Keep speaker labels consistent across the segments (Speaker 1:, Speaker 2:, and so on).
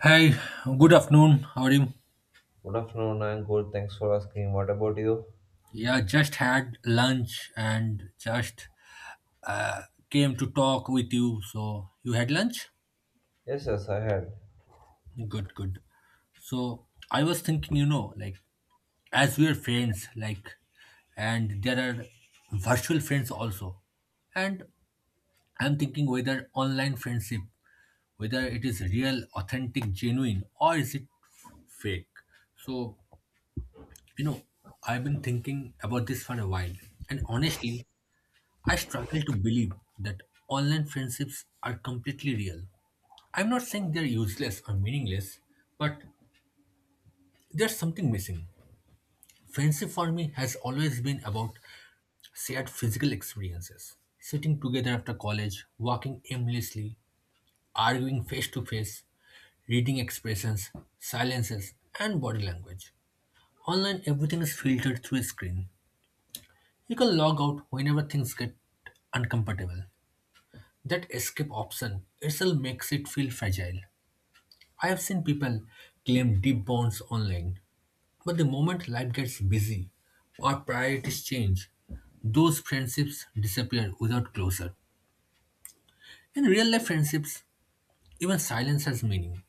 Speaker 1: Hi, good afternoon. How are you?
Speaker 2: Good afternoon, I'm good. Thanks for asking. What about you?
Speaker 1: Yeah, Just had lunch and just came to talk with you. So, you had lunch?
Speaker 2: Yes, I had.
Speaker 1: Good, good. So, I was thinking, as we are friends, and there are virtual friends also. And I'm thinking whether online friendship, whether it is real, authentic, genuine, or is it fake. So, you know, I've been thinking about this for a while. And honestly, I struggle to believe that online friendships are completely real. I'm not saying they're useless or meaningless, but there's something missing. Friendship for me has always been about shared physical experiences. Sitting together after college, walking aimlessly, arguing face to face, reading expressions, silences, and body language. Online, everything is filtered through a screen. You can log out whenever things get uncomfortable. That escape option itself makes it feel fragile. I have seen people claim deep bonds online, but the moment life gets busy or priorities change, those friendships disappear without closure. In real life friendships, even silence has meaning.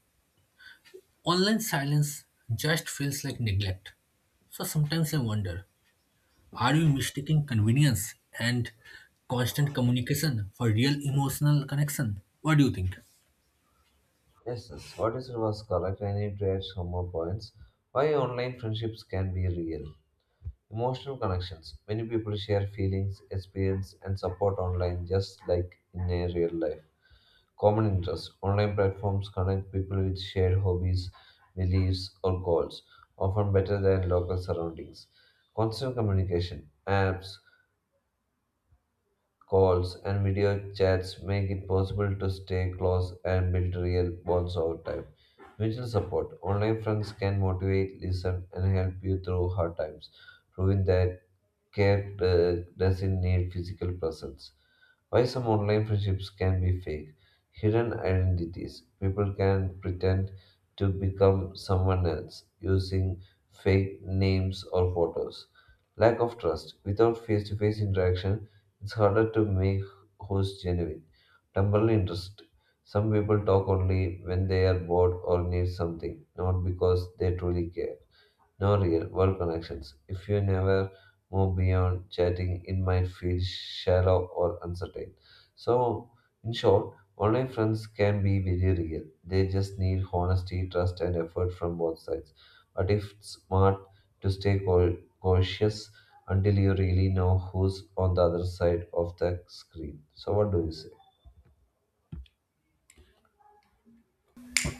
Speaker 1: Online silence just feels like neglect. So sometimes I wonder, are we mistaking convenience and constant communication for real emotional connection? What do you think?
Speaker 2: Yes. What is was correct? I need to add some more points. Why online friendships can be real. Emotional connections. Many people share feelings, experience, and support online just like in a real life. Common interests. Online platforms connect people with shared hobbies, beliefs, or goals, often better than local surroundings. Constant communication. Apps calls, and video chats make it possible to stay close and build real bonds over time. Mutual support. Online friends can motivate, listen, and help you through hard times, proving that care doesn't need physical presence. Why some online friendships can be fake? Hidden identities. People can pretend to become someone else using fake names or photos. Lack of trust. Without face to face interaction, it's harder to make who's genuine. Temporary interest. Some people talk only when they are bored or need something, not because they truly care no real world connections. If you never move beyond chatting, it might feel shallow or uncertain. So, in short, online friends can be very real. They just need honesty, trust, and effort from both sides. But if it's smart to stay cautious until you really know who's on the other side of the screen. So, what do you say?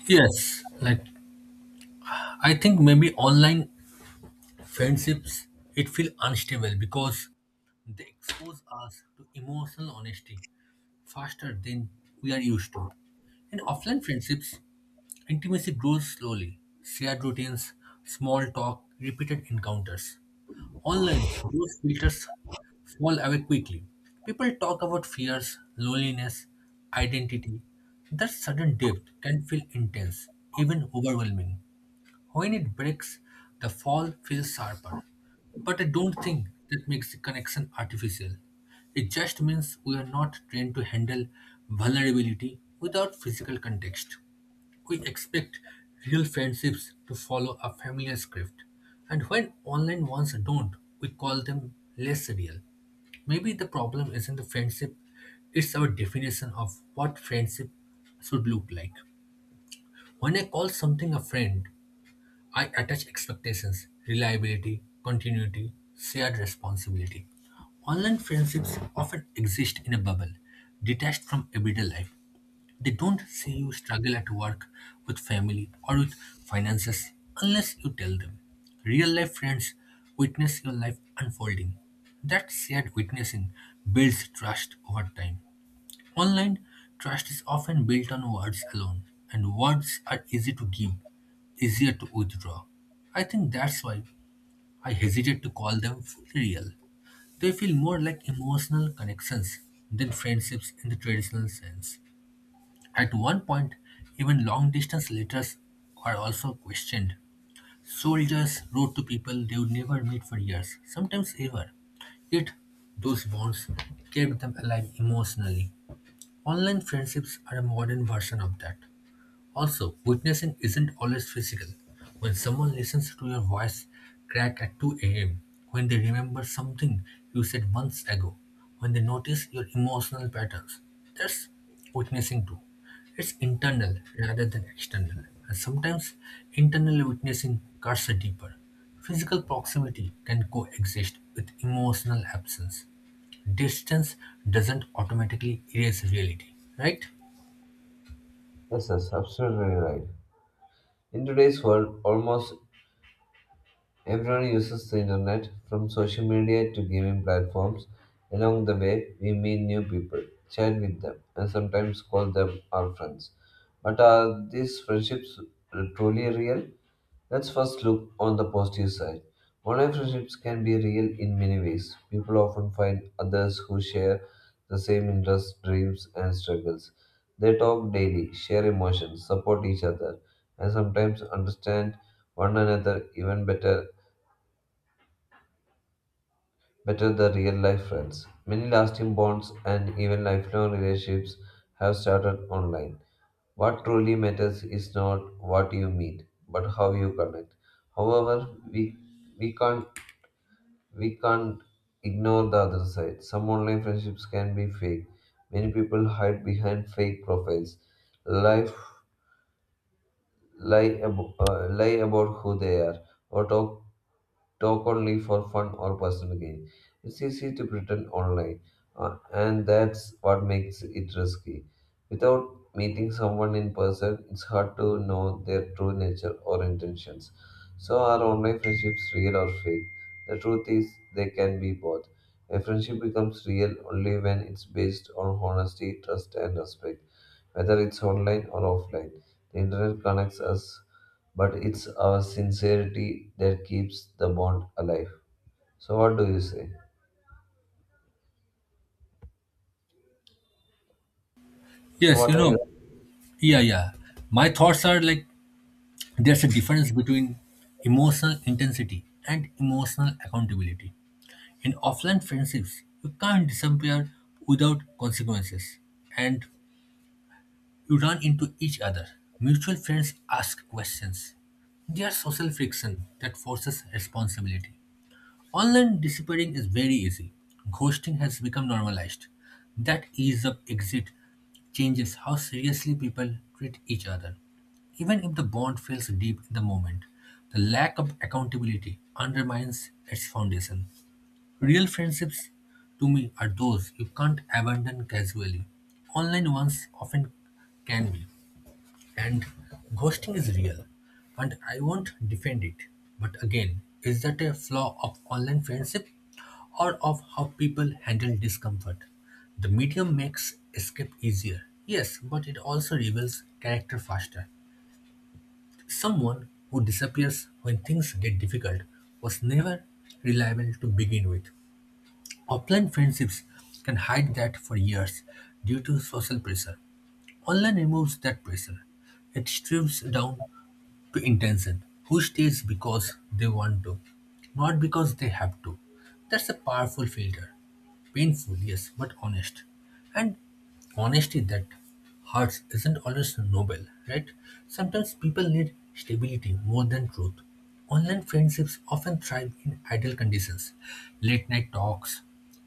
Speaker 1: Yes, I think maybe online friendships it feel unstable because they expose us to emotional honesty faster than we are used to. In offline friendships, intimacy grows slowly. Shared routines, small talk, repeated encounters. Online, those filters fall away quickly. People talk about fears, loneliness, identity. That sudden depth can feel intense, even overwhelming. When it breaks, the fall feels sharper. But I don't think that makes the connection artificial. It just means we are not trained to handle vulnerability without physical context. We expect real friendships to follow a familiar script. And when online ones don't, we call them less real. Maybe the problem isn't the friendship, it's our definition of what friendship should look like. When I call something a friend, I attach expectations, reliability, continuity, shared responsibility. Online friendships often exist in a bubble, detached from everyday life. They don't see you struggle at work, with family, or with finances unless you tell them. Real life friends witness your life unfolding. That shared witnessing builds trust over time. Online, trust is often built on words alone, and words are easy to give, easier to withdraw. I think that's why I hesitate to call them fully real. They feel more like emotional connections than friendships in the traditional sense. At one point, even long distance letters are also questioned. Soldiers wrote to people they would never meet for years, sometimes ever. Yet, those bonds kept them alive emotionally. Online friendships are a modern version of that. Also, witnessing isn't always physical. When someone listens to your voice crack at 2 a.m., when they remember something you said months ago, when they notice your emotional patterns, that's witnessing too. It's internal rather than external. And sometimes internal witnessing cuts deeper. Physical proximity can coexist with emotional absence. Distance doesn't automatically erase reality, right?
Speaker 2: Yes, that's absolutely right. In today's world, almost everyone uses the internet, from social media to gaming platforms. Along the way, we meet new people, chat with them, and sometimes call them our friends. But are these friendships truly real? Let's first look on the positive side. Online friendships can be real in many ways. People often find others who share the same interests, dreams, and struggles. They talk daily, share emotions, support each other, and sometimes understand one another even better than real life friends. Many lasting bonds and even lifelong relationships have started online. What truly matters is not what you meet, but how you connect. However, we we can't we can't ignore the other side. Some online friendships can be fake. Many people hide behind fake profiles. Life lie, lie about who they are, or talk only for fun or personal gain. It's easy to pretend online, and that's what makes it risky. Without meeting someone in person, it's hard to know their true nature or intentions. So, are online friendships real or fake? The truth is, they can be both. A friendship becomes real only when it's based on honesty, trust, and respect, whether it's online or offline. The internet connects us, but it's our sincerity that keeps the bond alive. So, what do you say? So,
Speaker 1: Yes, you
Speaker 2: what are your
Speaker 1: know, Yeah, yeah. My thoughts are there's a difference between emotional intensity and emotional accountability. In offline friendships, you can't disappear without consequences and you run into each other. Mutual friends ask questions. There's social friction that forces responsibility. Online disappearing is very easy. Ghosting has become normalized. That ease of exit changes how seriously people treat each other. Even if the bond feels deep in the moment, the lack of accountability undermines its foundation. Real friendships, to me, are those you can't abandon casually. Online ones often can be. And ghosting is real. And I won't defend it. But again, is that a flaw of online friendship or of how people handle discomfort? The medium makes escape easier. Yes, but it also reveals character faster. Someone who disappears when things get difficult was never reliable to begin with. Offline friendships can hide that for years due to social pressure. Online removes that pressure. It strips down to intention. Who stays because they want to, not because they have to. That's a powerful filter. Painful, yes, but honest. And honesty that hurts isn't always noble, right? Sometimes people need stability more than truth. Online friendships often thrive in ideal conditions, late night talks,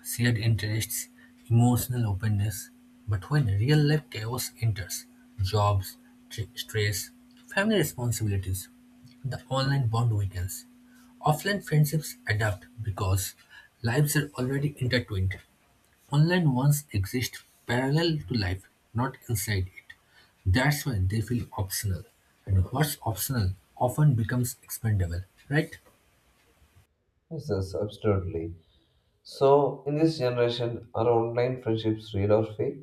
Speaker 1: shared interests, emotional openness. But when real life chaos enters, jobs, stress, family responsibilities, the online bond weakens. Offline friendships adapt because lives are already intertwined. Online ones exist parallel to life, not inside it. That's why they feel optional. And what's optional often becomes expendable, right?
Speaker 2: answers? Absolutely. So, in this generation, are online friendships real or fake?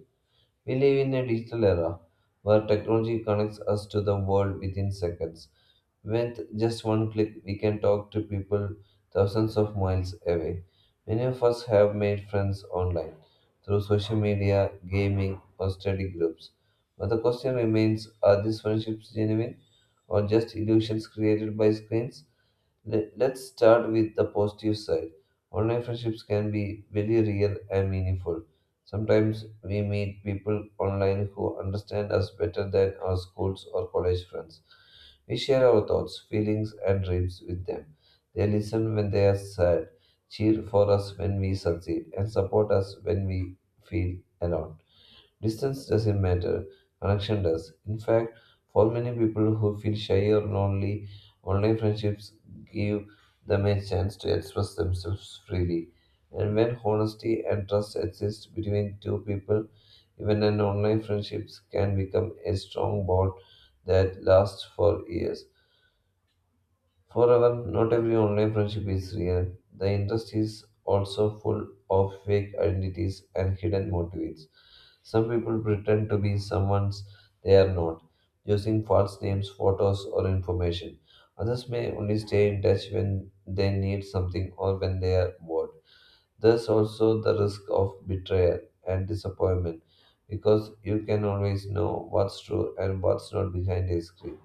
Speaker 2: We live in a digital era where technology connects us to the world within seconds. With just one click, we can talk to people thousands of miles away. Many of us have made friends online through social media, gaming, or study groups. But the question remains are these friendships genuine or just illusions created by screens? Let's start with the positive side. Online friendships can be very real and meaningful. Sometimes we meet people online who understand us better than our schools or college friends. We share our thoughts, feelings, and dreams with them. They listen when they are sad, cheer for us when we succeed, and support us when we feel alone. Distance doesn't matter, connection does. In fact, for many people who feel shy or lonely, online friendships give them a chance to express themselves freely. And when honesty and trust exist between two people, even an online friendships can become a strong bond that lasts for years. However, not every online friendship is real. The industry is also full of fake identities and hidden motives. Some people pretend to be someone they are not, using false names, photos, or information. Others may only stay in touch when they need something or when they are bored. There's also the risk of betrayal and disappointment because you can always know what's true and what's not behind a screen.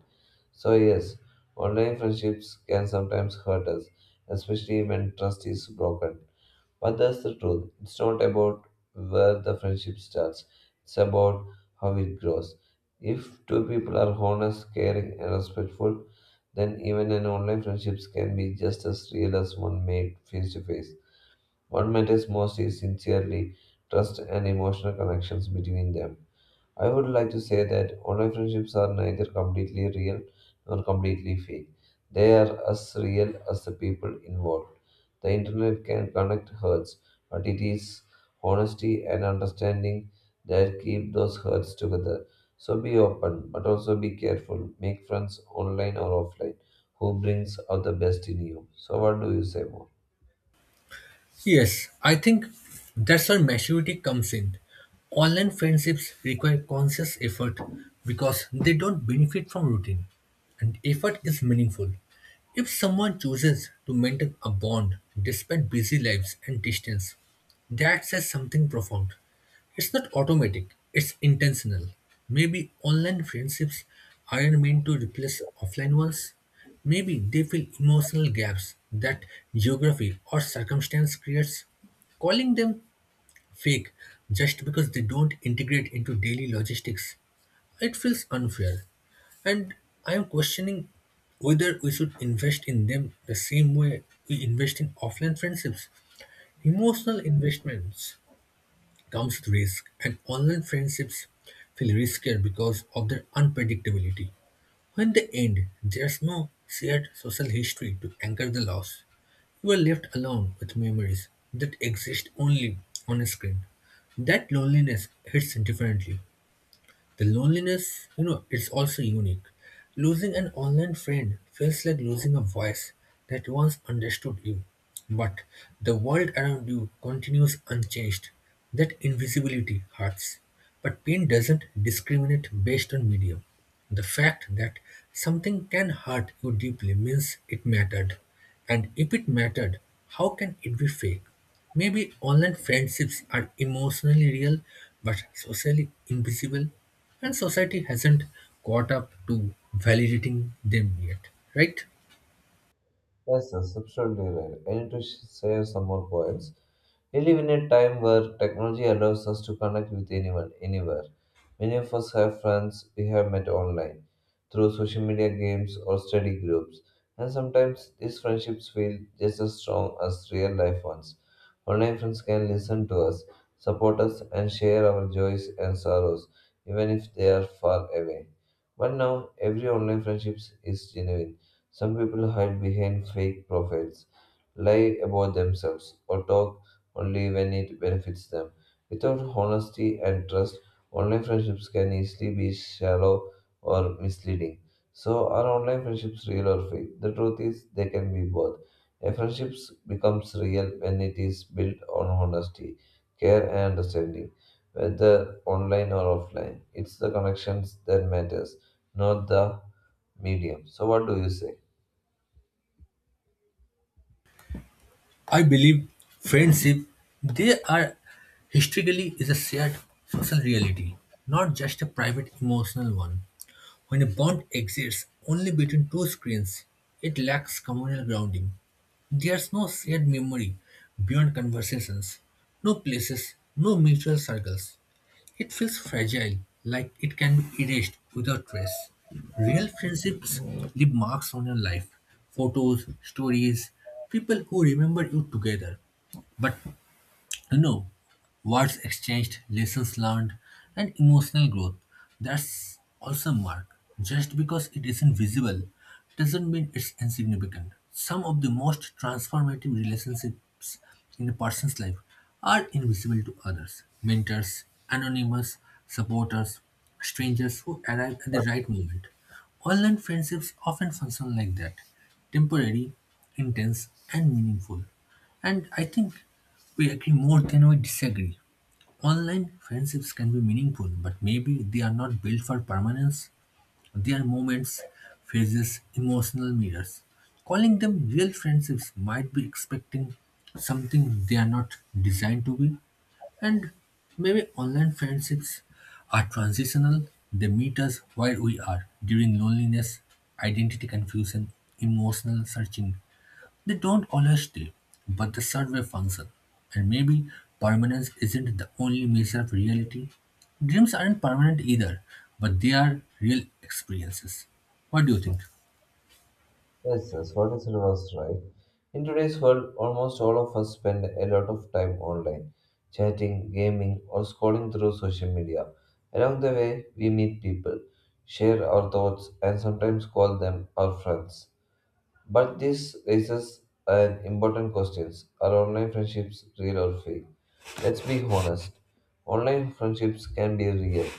Speaker 2: So, yes, online friendships can sometimes hurt us, especially when trust is broken. But that's the truth. It's not about where the friendship starts, it's about how it grows. If two people are honest, caring, and respectful, then even an online friendships can be just as real as one made face to face. What matters most is sincerely trust and emotional connections between them. I would like to say that online friendships are neither completely real nor completely fake. They are as real as the people involved. The internet can connect hearts, but it is honesty and understanding that keep those hearts together. So be open, but also be careful. Make friends online or offline who brings out the best in you. So what do you say more?
Speaker 1: Yes, I think that's where maturity comes in. Online friendships require conscious effort because they don't benefit from routine, and effort is meaningful. If someone chooses to maintain a bond despite busy lives and distance, that says something profound. It's not automatic, it's intentional. Maybe online friendships aren't meant to replace offline ones. Maybe they fill emotional gaps that geography or circumstance creates. Calling them fake just because they don't integrate into daily logistics, it feels unfair. And I am questioning whether we should invest in them the same way we invest in offline friendships. Emotional investments comes risk, and online friendships feel riskier because of their unpredictability. When they end, there's no shared social history to anchor the loss. You are left alone with memories that exist only on a screen. That loneliness hits differently. The loneliness, it's also unique. Losing an online friend feels like losing a voice that once understood you, but the world around you continues unchanged. That invisibility hurts. But pain doesn't discriminate based on medium. The fact that something can hurt you deeply means it mattered. And if it mattered, how can it be fake? Maybe online friendships are emotionally real but socially invisible, and society hasn't caught up to validating them yet, right?
Speaker 2: Yes, that's absolutely right. I need to share some more points. Really, we live in a time where technology allows us to connect with anyone, anywhere. Many of us have friends we have met online, through social media games or study groups, and sometimes these friendships feel just as strong as real life ones. Online friends can listen to us, support us, and share our joys and sorrows, even if they are far away. But now, every online friendship is genuine some people hide behind fake profiles, lie about themselves, or talk only when it benefits them. Without honesty and trust, online friendships can easily be shallow or misleading. So, are online friendships real or fake? The truth is, they can be both. A friendship becomes real when it is built on honesty, care, and understanding, whether online or offline. It's the connections that matters, not the medium. So, what do you say?
Speaker 1: I believe friendship, they are historically is a shared social reality, not just a private emotional one. When a bond exists only between two screens, it lacks communal grounding. There's no shared memory beyond conversations, no places, no mutual circles. It feels fragile, like it can be erased without trace. Real friendships leave marks on your life, photos, stories, people who remember you together. But no, words exchanged, lessons learned, and emotional growth. That's also mark. Just because it isn't visible doesn't mean it's insignificant. Some of the most transformative relationships in a person's life are invisible to others. Mentors, anonymous supporters, strangers who arrive at the right moment. Online friendships often function like that, temporary, intense, and meaningful. And I think we agree more than we disagree. Online friendships can be meaningful, but maybe they are not built for permanence. They are moments, phases, emotional mirrors. Calling them real friendships might be expecting something they are not designed to be. And maybe online friendships are transitional. They meet us where we are during loneliness, identity confusion, emotional searching, they don't always stay, but the survey function. And maybe permanence isn't the only measure of reality. Dreams aren't permanent either, but they are real experiences. What do you think?
Speaker 2: Yes, what you said was right. In today's world, almost all of us spend a lot of time online, chatting, gaming, or scrolling through social media. Along the way, we meet people, share our thoughts, and sometimes call them our friends. But this raises an important question: are online friendships real or fake? Let's be honest, online friendships can be real.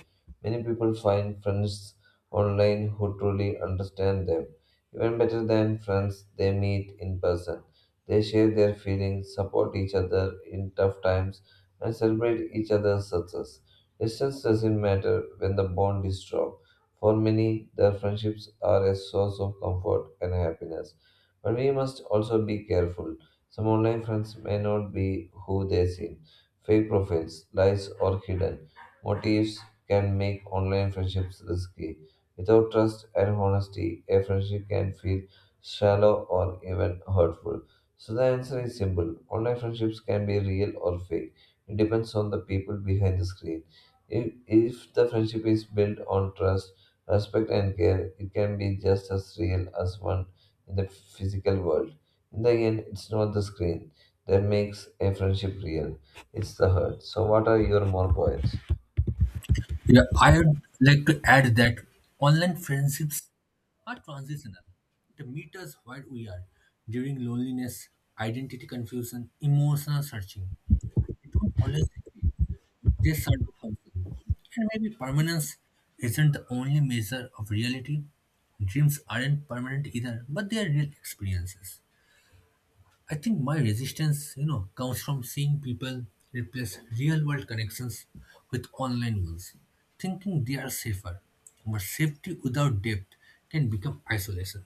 Speaker 2: Many people find friends online who truly understand them, even better than friends they meet in person. They share their feelings, support each other in tough times, and celebrate each other's success. Distance doesn't matter when the bond is strong. For many, their friendships are a source of comfort and happiness. But we must also be careful. Some online friends may not be who they seem fake profiles, lies, or hidden motives can make online friendships risky. Without trust and honesty, a friendship can feel shallow or even hurtful. So the answer is simple. Online friendships can be real or fake. It depends on the people behind the screen. If the friendship is built on trust, respect, and care, it can be just as real as one in the physical world. In the end, it's not the screen that makes a friendship real it's the hurt. So, what are your more points?
Speaker 1: Yeah, I would like to add that online friendships are transitional. They meet us where we are during loneliness, identity confusion, emotional searching. They don't always They serve the function. And maybe permanence isn't the only measure of reality. Dreams aren't permanent either, but they are real experiences. I think my resistance, comes from seeing people replace real world connections with online ones, thinking they are safer. But safety without depth can become isolation.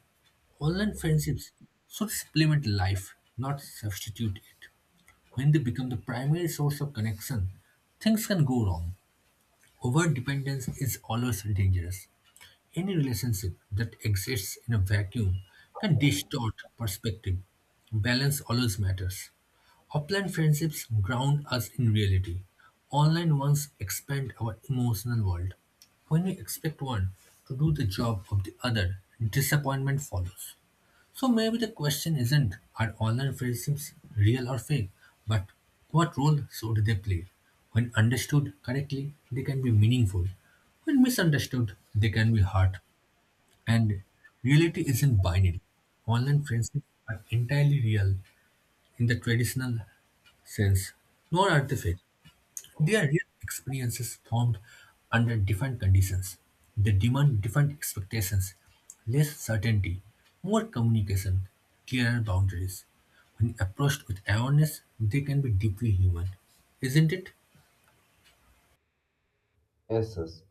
Speaker 1: Online friendships should supplement life, not substitute it. When they become the primary source of connection, things can go wrong. Overdependence is always dangerous. Any relationship that exists in a vacuum can distort perspective. Balance always matters. Offline friendships ground us in reality. Online ones expand our emotional world. When we expect one to do the job of the other, disappointment follows. So maybe the question isn't are online friendships real or fake, but what role should they play? When understood correctly, they can be meaningful. When misunderstood, they can be hurt. And reality isn't binary. Online friendships are entirely real in the traditional sense, nor are they fake. Their real experiences formed under different conditions. They demand different expectations, less certainty, more communication, clearer boundaries. When approached with awareness, they can be deeply human. Isn't it?
Speaker 2: Yes.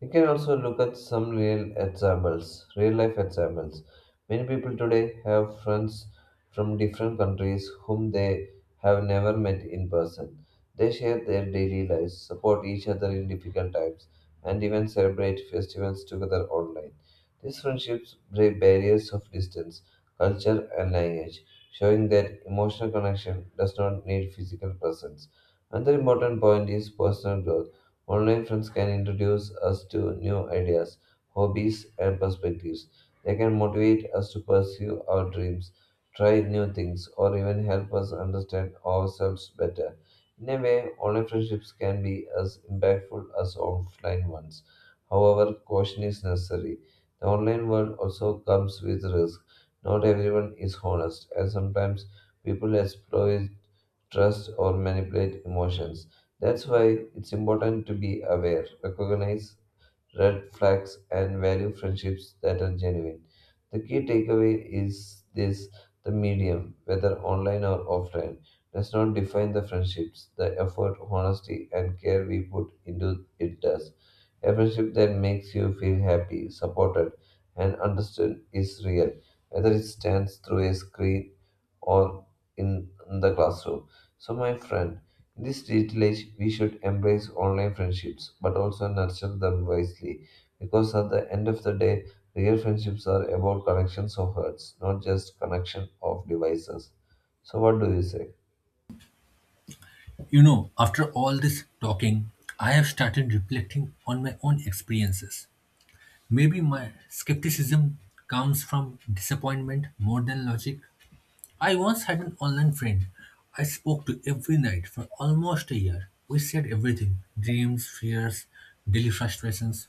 Speaker 2: We can also look at some real examples, real life examples. Many people today have friends from different countries whom they have never met in person. They share their daily lives, support each other in difficult times, and even celebrate festivals together online. These friendships break barriers of distance, culture, and language, showing that emotional connection does not need physical presence. Another important point is personal growth. Online friends can introduce us to new ideas, hobbies, and perspectives. They can motivate us to pursue our dreams, try new things, or even help us understand ourselves better. In a way, online friendships can be as impactful as offline ones. However, caution is necessary. The online world also comes with risk. Not everyone is honest, and sometimes people exploit trust or manipulate emotions. That's why it's important to be aware, recognize red flags, and value friendships that are genuine. The key takeaway is this the medium, whether online or offline, does not define the friendships. The effort, honesty, and care we put into it does. A friendship that makes you feel happy, supported, and understood is real, whether it stands through a screen or in the classroom. So, my friend, in this digital age, we should embrace online friendships but also nurture them wisely because at the end of the day, real friendships are about connections of hearts, not just connection of devices. So, what do you say?
Speaker 1: You know, after all this talking, I have started reflecting on my own experiences. Maybe my skepticism comes from disappointment more than logic. I once had an online friend I spoke to every night for almost a year. We shared everything, dreams, fears, daily frustrations.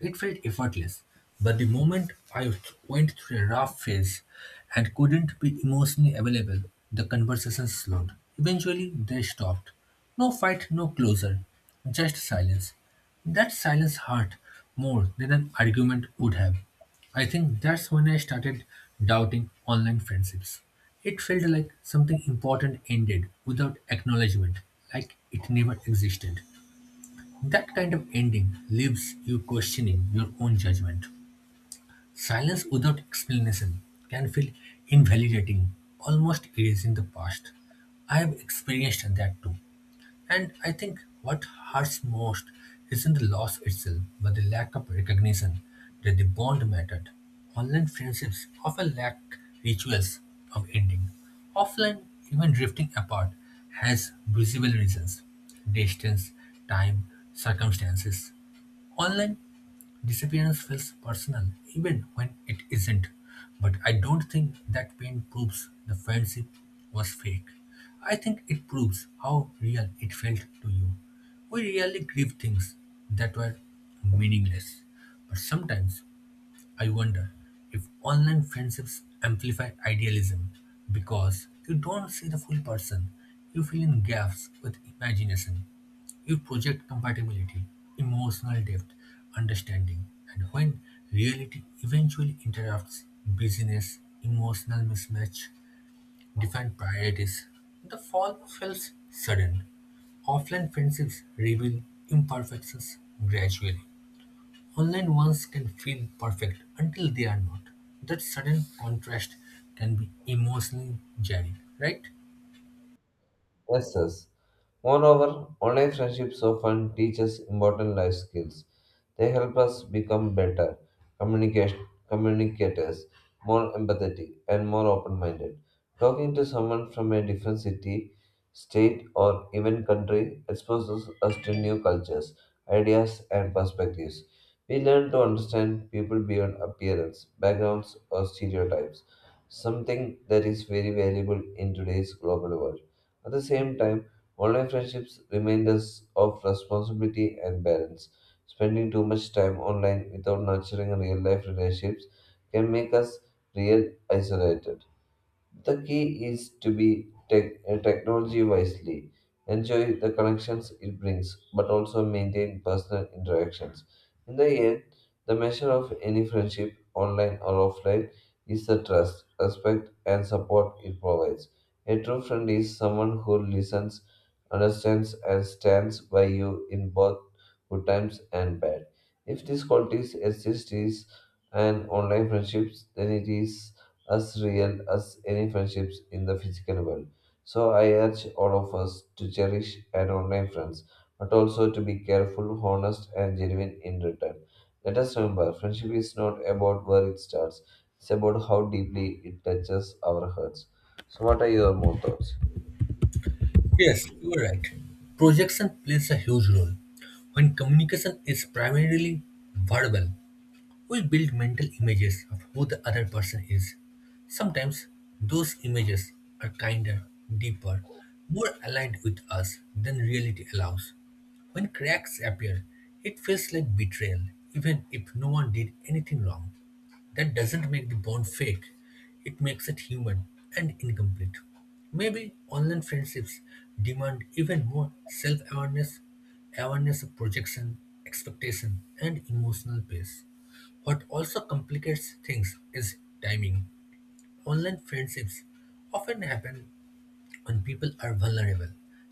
Speaker 1: It felt effortless, but the moment I went through a rough phase and couldn't be emotionally available, the conversation slowed. Eventually, they stopped. No fight, no closure, just silence. That silence hurt more than an argument would have. I think that's when I started doubting online friendships. It felt like something important ended without acknowledgement, like it never existed. That kind of ending leaves you questioning your own judgment. Silence without explanation can feel invalidating, almost erasing the past. I have experienced that too. And I think what hurts most isn't the loss itself, but the lack of recognition that the bond mattered. Online friendships often lack rituals of ending. Offline, even drifting apart has visible reasons: distance, time, circumstances. Online disappearance feels personal, even when it isn't. But I don't think that pain proves the friendship was fake. I think it proves how real it felt to you. We really grieve things that were meaningless. But sometimes I wonder if online friendships amplify idealism because you don't see the full person, you fill in gaps with imagination. You project compatibility, emotional depth, understanding, and when reality eventually interrupts busyness, emotional mismatch, defined priorities, the fall feels sudden. Offline friendships reveal imperfections gradually. Online ones can feel perfect until they are not. That sudden contrast can be emotionally jarring, right?
Speaker 2: Yes, moreover, online friendships often teach us important life skills. They help us become better communicat- communicators, more empathetic, and more open minded. Talking to someone from a different city, state, or even country exposes us to new cultures, ideas, and perspectives. We learn to understand people beyond appearance, backgrounds, or stereotypes, something that is very valuable in today's global world. At the same time, online friendships remind us of responsibility and balance. Spending too much time online without nurturing real life relationships can make us real isolated. The key is to be tech, technology wisely, enjoy the connections it brings, but also maintain personal interactions. In the end, the measure of any friendship, online or offline, is the trust, respect, and support it provides. A true friend is someone who listens, understands, and stands by you in both good times and bad. If these qualities exist in an online friendships, then it is as real as any friendships in the physical world. So I urge all of us to cherish and online friends, but also to be careful, honest, and genuine in return. Let us remember, friendship is not about where it starts; it's about how deeply it touches our hearts. So, what are your more thoughts?
Speaker 1: Yes, you are right. Projection plays a huge role. When communication is primarily verbal, we build mental images of who the other person is. Sometimes those images are kinder, deeper, more aligned with us than reality allows. When cracks appear, it feels like betrayal, even if no one did anything wrong. That doesn't make the bond fake, it makes it human and incomplete. Maybe online friendships demand even more self awareness, awareness of projection, expectation, and emotional pace. What also complicates things is timing. Online friendships often happen when people are vulnerable.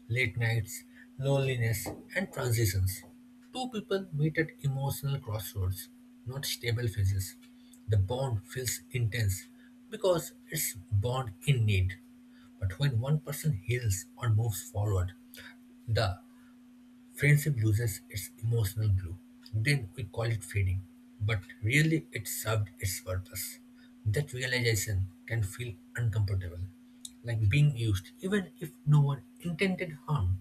Speaker 1: Late nights, loneliness, and transitions. Two people meet at emotional crossroads, not stable phases. The bond feels intense because it's bond in need. But when one person heals or moves forward, the friendship loses its emotional glue. Then we call it fading. But really, it served its purpose. That realization can feel uncomfortable, like being used, even if no one intended harm.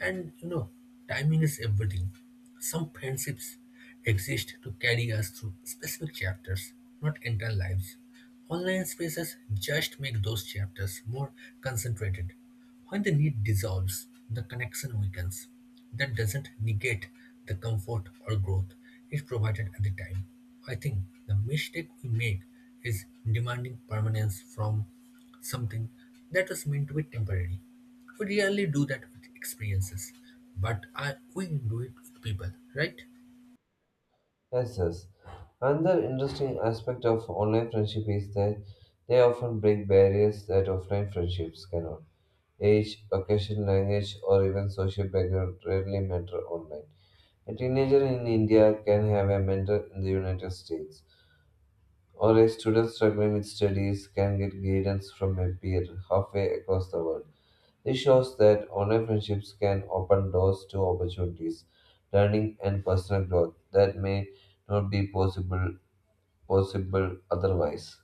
Speaker 1: And you know, timing is everything. Some friendships exist to carry us through specific chapters, not entire lives. Online spaces just make those chapters more concentrated. When the need dissolves, the connection weakens. That doesn't negate the comfort or growth it provided at the time. I think the mistake we make is demanding permanence from something that was meant to be temporary. We rarely do that with experiences, but we do it with people, right?
Speaker 2: Yes. Another interesting aspect of online friendship is that they often break barriers that offline friendships cannot. Age, occupation, language, or even social background rarely matter online. A teenager in India can have a mentor in the United States, or a student struggling with studies can get guidance from a peer halfway across the world. This shows that online friendships can open doors to opportunities, learning, and personal growth that may not be possible otherwise.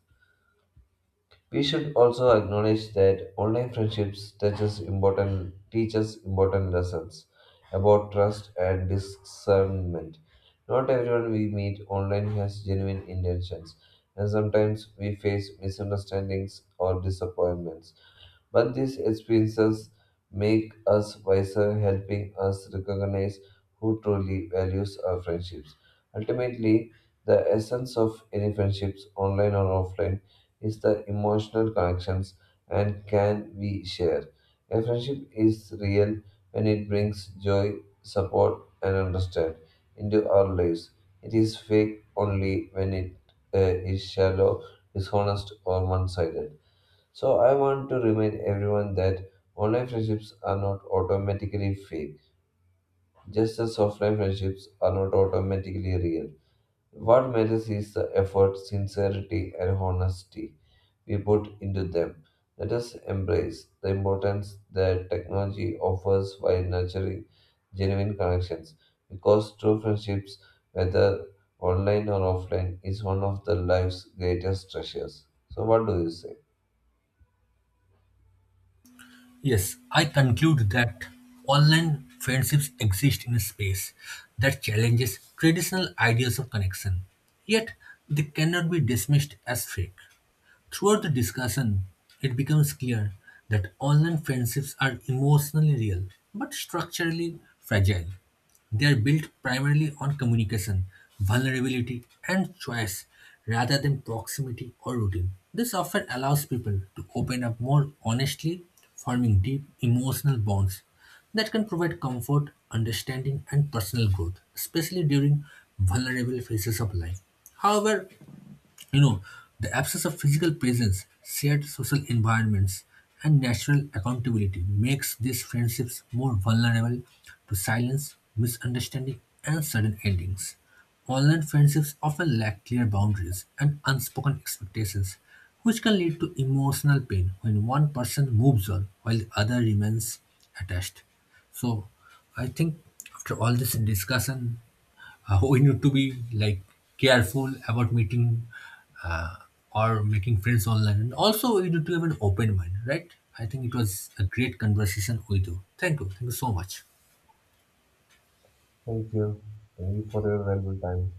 Speaker 2: We should also acknowledge that online friendships teaches important lessons about trust and discernment. Not everyone we meet online has genuine intentions, and sometimes we face misunderstandings or disappointments. But these experiences make us wiser, helping us recognize who truly values our friendships. Ultimately, the essence of any friendships, online or offline, is the emotional connections and can we share. A friendship is real when it brings joy, support, and understand into our lives. It is fake only when it uh, is shallow, dishonest, or one sided. So I want to remind everyone that online friendships are not automatically fake, just as offline friendships are not automatically real. What matters is the effort, sincerity, and honesty we put into them. Let us embrace the importance that technology offers while nurturing genuine connections, because true friendships, whether online or offline, is one of the life's greatest treasures. So, what do you say?
Speaker 1: Yes, I conclude that online friendships exist in a space that challenges traditional ideas of connection, yet they cannot be dismissed as fake. Throughout the discussion, it becomes clear that online friendships are emotionally real but structurally fragile. They are built primarily on communication, vulnerability, and choice rather than proximity or routine. This often allows people to open up more honestly, forming deep emotional bonds that can provide comfort, understanding, and personal growth, especially during vulnerable phases of life. However, you know, the absence of physical presence, shared social environments, and natural accountability makes these friendships more vulnerable to silence, misunderstanding, and sudden endings. Online friendships often lack clear boundaries and unspoken expectations, which can lead to emotional pain when one person moves on while the other remains attached. So, I think after all this discussion, we need to be like careful about meeting uh, or making friends online. And also, we need to have an open mind, right? I think it was a great conversation with you. Thank you. Thank you so much.
Speaker 2: Thank you. Thank you for your valuable time.